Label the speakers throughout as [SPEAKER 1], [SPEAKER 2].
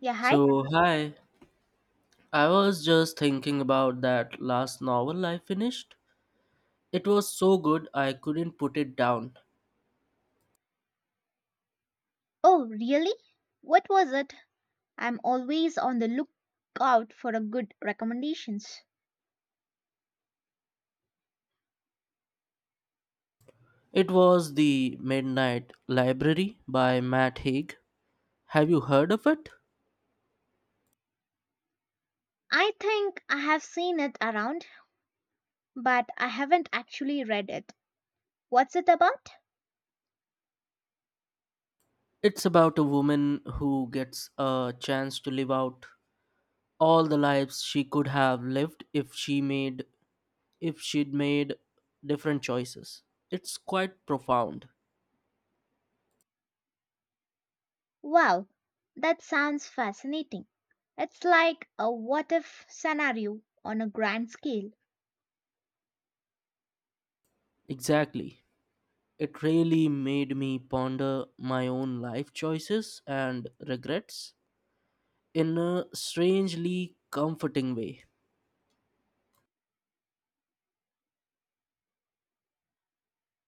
[SPEAKER 1] Yeah, hi.
[SPEAKER 2] So, hi. I was just thinking about that last novel I finished. It was so good I couldn't put it down.
[SPEAKER 1] Oh, really? What was it? I'm always on the lookout for a good recommendations.
[SPEAKER 2] It was The Midnight Library by Matt Haig. Have you heard of it?
[SPEAKER 1] I think I have seen it around, but I haven't actually read it. What's it about?
[SPEAKER 2] It's about a woman who gets a chance to live out all the lives she could have lived if she'd made different choices. It's quite profound.
[SPEAKER 1] Wow, that sounds fascinating. It's like a what if scenario on a grand scale.
[SPEAKER 2] Exactly. It really made me ponder my own life choices and regrets in a strangely comforting way.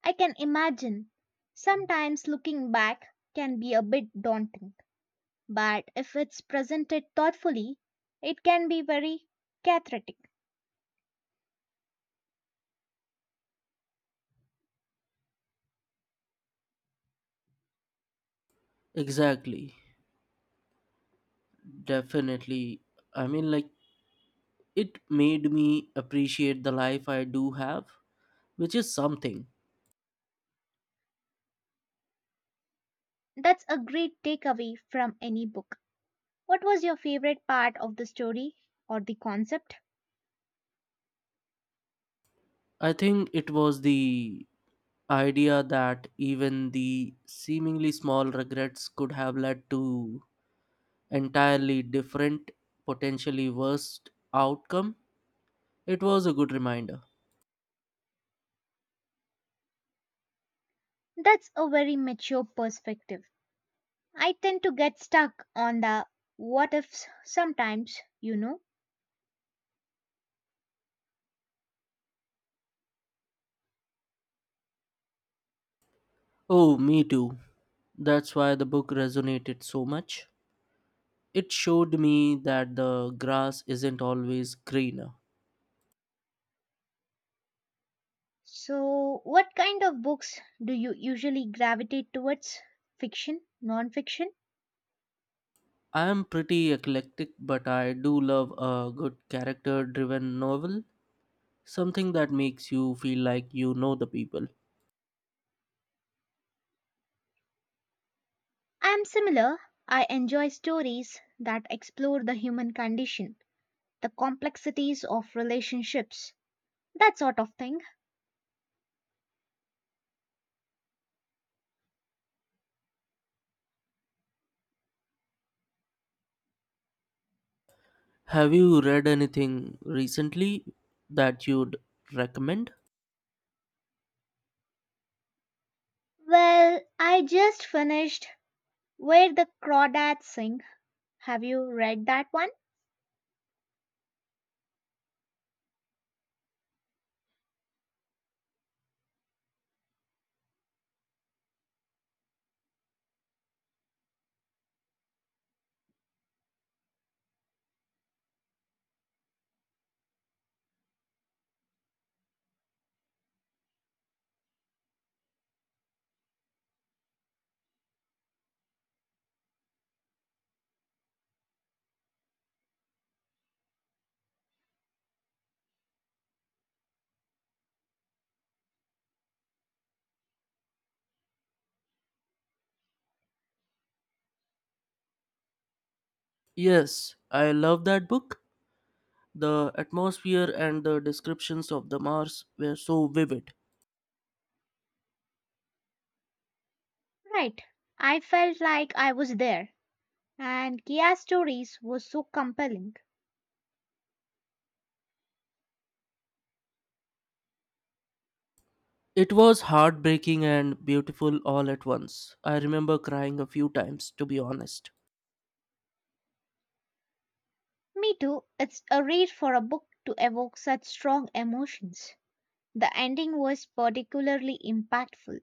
[SPEAKER 1] I can imagine. Sometimes looking back can be a bit daunting, but if it's presented thoughtfully, it can be very cathartic.
[SPEAKER 2] Exactly. Definitely. I mean, like, it made me appreciate the life I do have, which is something.
[SPEAKER 1] That's a great takeaway from any book. What was your favorite part of the story or the concept?
[SPEAKER 2] I think it was the idea that even the seemingly small regrets could have led to entirely different, potentially worst outcome. It was a good reminder.
[SPEAKER 1] That's a very mature perspective. I tend to get stuck on the what ifs sometimes, you know.
[SPEAKER 2] Oh, me too. That's why the book resonated so much. It showed me that the grass isn't always greener.
[SPEAKER 1] So, what kind of books do you usually gravitate towards? Fiction, non fiction?
[SPEAKER 2] I am pretty eclectic, but I do love a good character driven novel, something that makes you feel like you know the people.
[SPEAKER 1] I'm similar. I enjoy stories that explore the human condition, the complexities of relationships, that sort of thing.
[SPEAKER 2] Have you read anything recently that you'd recommend?
[SPEAKER 1] Well, I just finished Where the Crawdads Sing. Have you read that one?
[SPEAKER 2] Yes, I love that book. The atmosphere and the descriptions of the Mars were so vivid.
[SPEAKER 1] Right. I felt like I was there, and Kia's stories were so compelling.
[SPEAKER 2] It was heartbreaking and beautiful all at once. I remember crying a few times, to be honest.
[SPEAKER 1] Me too. It's a read for a book to evoke such strong emotions. The ending was particularly impactful.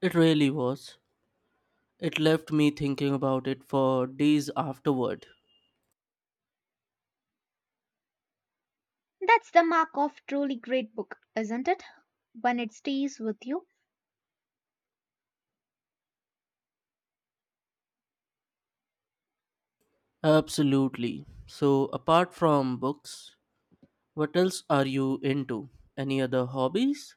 [SPEAKER 2] It really was. It left me thinking about it for days afterward.
[SPEAKER 1] That's the mark of truly great book, isn't it? When it stays with you.
[SPEAKER 2] Absolutely. So, apart from books, what else are you into? Any other hobbies?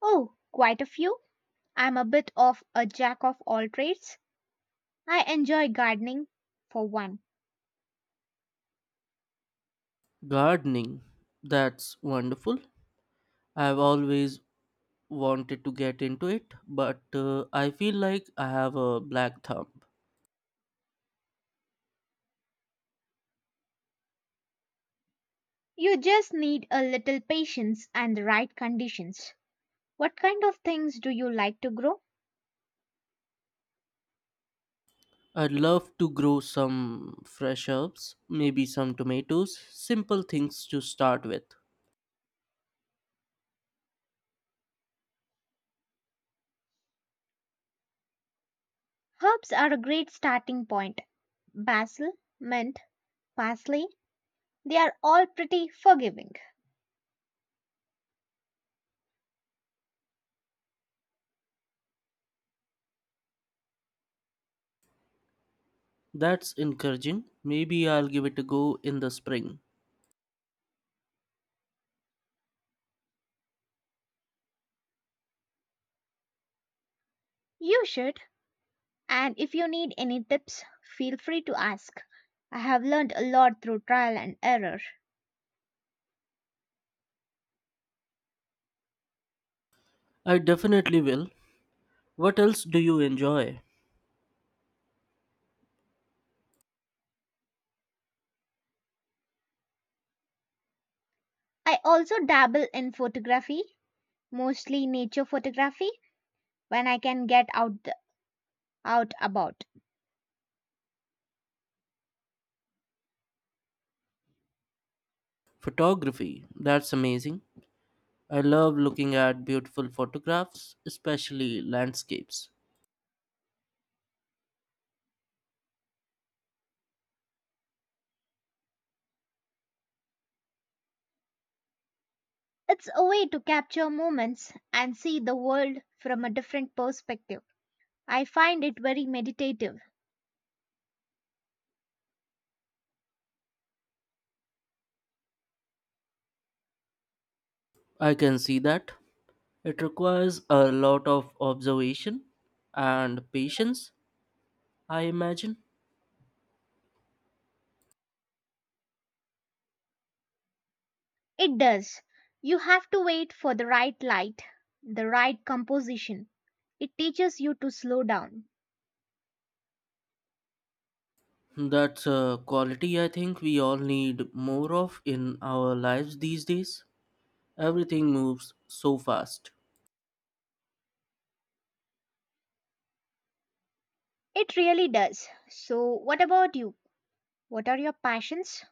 [SPEAKER 1] Oh, quite a few. I'm a bit of a jack of all trades. I enjoy gardening, for one.
[SPEAKER 2] Gardening. That's wonderful. I've always wanted to get into it, but I feel like I have a black thumb.
[SPEAKER 1] You just need a little patience and the right conditions. What kind of things do you like to grow?
[SPEAKER 2] I'd love to grow some fresh herbs, maybe some tomatoes, simple things to start with.
[SPEAKER 1] Herbs are a great starting point. Basil, mint, parsley, they are all pretty forgiving.
[SPEAKER 2] That's encouraging. Maybe I'll give it a go in the spring.
[SPEAKER 1] You should. And if you need any tips, feel free to ask. I have learned a lot through trial and error.
[SPEAKER 2] I definitely will. What else do you enjoy?
[SPEAKER 1] I also dabble in photography, mostly nature photography, when I can get out out about.
[SPEAKER 2] Photography. That's amazing. I love looking at beautiful photographs, especially landscapes.
[SPEAKER 1] It's a way to capture moments and see the world from a different perspective. I find it very meditative.
[SPEAKER 2] I can see that. It requires a lot of observation and patience, I imagine.
[SPEAKER 1] It does. You have to wait for the right light, the right composition. It teaches you to slow down.
[SPEAKER 2] That's a quality I think we all need more of in our lives these days. Everything moves so fast.
[SPEAKER 1] It really does. So, what about you? What are your passions?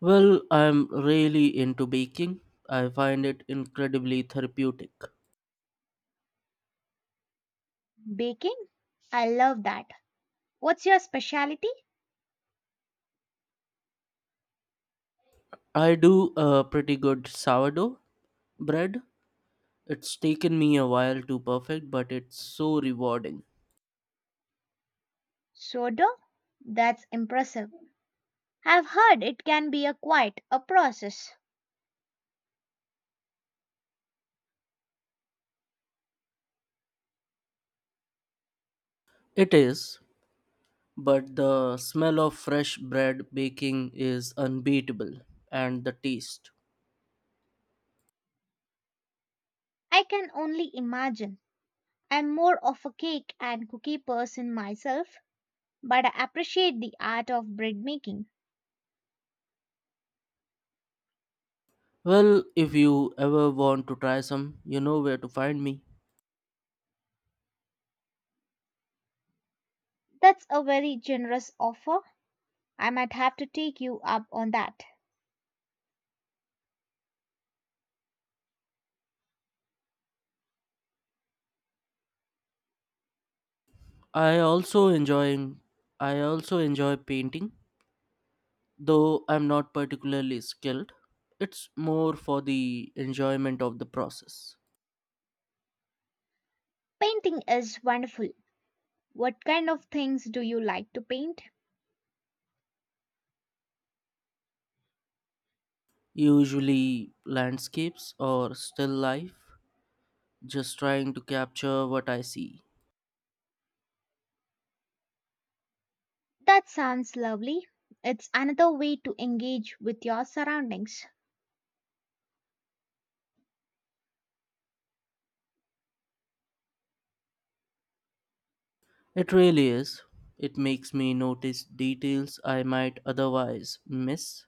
[SPEAKER 2] Well, I'm really into baking. I find it incredibly therapeutic.
[SPEAKER 1] Baking? I love that. What's your specialty?
[SPEAKER 2] I do a pretty good sourdough bread. It's taken me a while to perfect, but it's so rewarding.
[SPEAKER 1] Soda? That's impressive. I've heard it can be a quite a process.
[SPEAKER 2] It is, but the smell of fresh bread baking is unbeatable, and the taste.
[SPEAKER 1] I can only imagine. I'm more of a cake and cookie person myself, but I appreciate the art of bread making.
[SPEAKER 2] Well, if you ever want to try some, you know where to find me.
[SPEAKER 1] That's a very generous offer. I might have to take you up on that.
[SPEAKER 2] I also enjoying I also enjoy painting, though I'm not particularly skilled. It's more for the enjoyment of the process.
[SPEAKER 1] Painting is wonderful. What kind of things do you like to paint?
[SPEAKER 2] Usually landscapes or still life, just trying to capture what I see.
[SPEAKER 1] That sounds lovely. It's another way to engage with your surroundings,
[SPEAKER 2] It really is. It makes me notice details I might otherwise miss.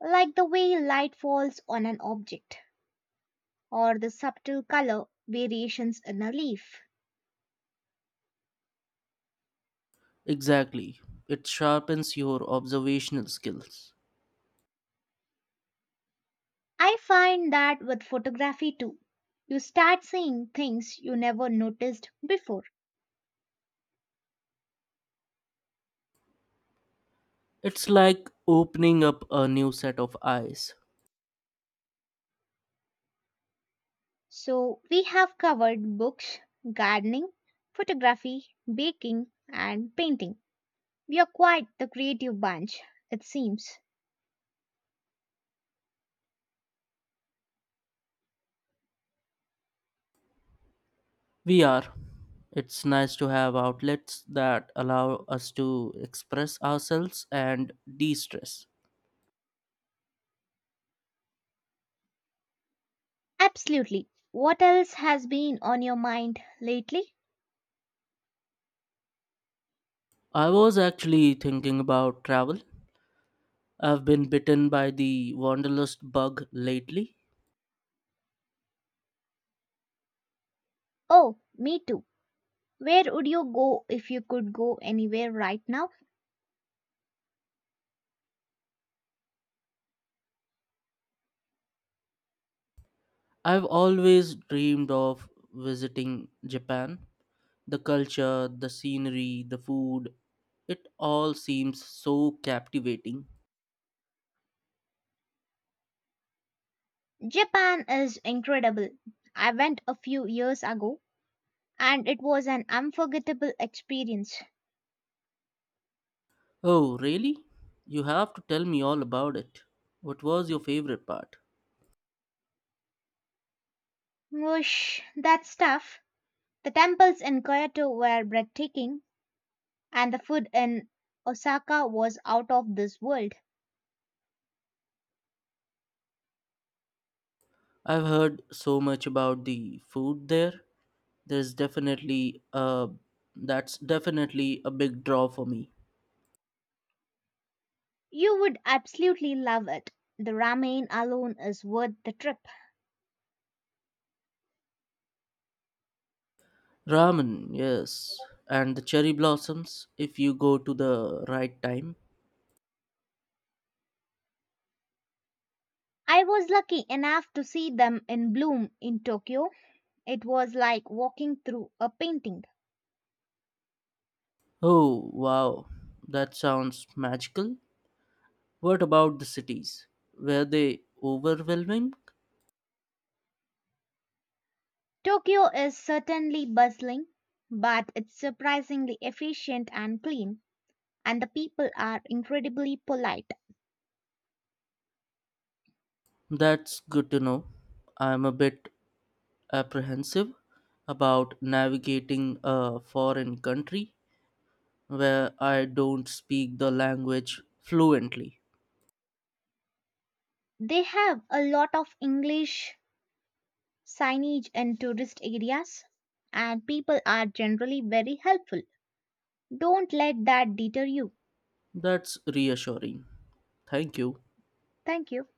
[SPEAKER 1] like the way light falls on an object or the subtle color variations in a leaf.
[SPEAKER 2] Exactly. It sharpens your observational skills.
[SPEAKER 1] I find that with photography too. You start seeing things you never noticed before.
[SPEAKER 2] It's like opening up a new set of eyes.
[SPEAKER 1] So, we have covered books, gardening, photography, baking, and painting. We are quite the creative bunch, it seems.
[SPEAKER 2] We are. It's nice to have outlets that allow us to express ourselves and de stress.
[SPEAKER 1] Absolutely. What else has been on your mind lately?
[SPEAKER 2] I was actually thinking about travel. I've been bitten by the wanderlust bug lately.
[SPEAKER 1] Oh, me too. Where would you go if you could go anywhere right now?
[SPEAKER 2] I've always dreamed of visiting Japan. The culture, the scenery, the food, it all seems so captivating.
[SPEAKER 1] Japan is incredible. I went a few years ago and it was an unforgettable experience.
[SPEAKER 2] Oh, really? You have to tell me all about it. What was your favorite part?
[SPEAKER 1] Whoosh, that stuff. The temples in Kyoto were breathtaking, and the food in Osaka was out of this world.
[SPEAKER 2] I've heard so much about the food there. There's definitely That's definitely a big draw for me.
[SPEAKER 1] You would absolutely love it. The ramen alone is worth the trip.
[SPEAKER 2] Ramen, yes, and the cherry blossoms if you go to the right time.
[SPEAKER 1] I was lucky enough to see them in bloom in Tokyo. It was like walking through a painting.
[SPEAKER 2] Oh, wow. That sounds magical. What about the cities? Were they overwhelming?
[SPEAKER 1] Tokyo is certainly bustling, but it's surprisingly efficient and clean, and the people are incredibly polite.
[SPEAKER 2] That's good to know. I'm a bit apprehensive about navigating a foreign country where I don't speak the language fluently.
[SPEAKER 1] They have a lot of English signage in tourist areas, and people are generally very helpful. Don't let that deter you.
[SPEAKER 2] That's reassuring. Thank you.
[SPEAKER 1] Thank you.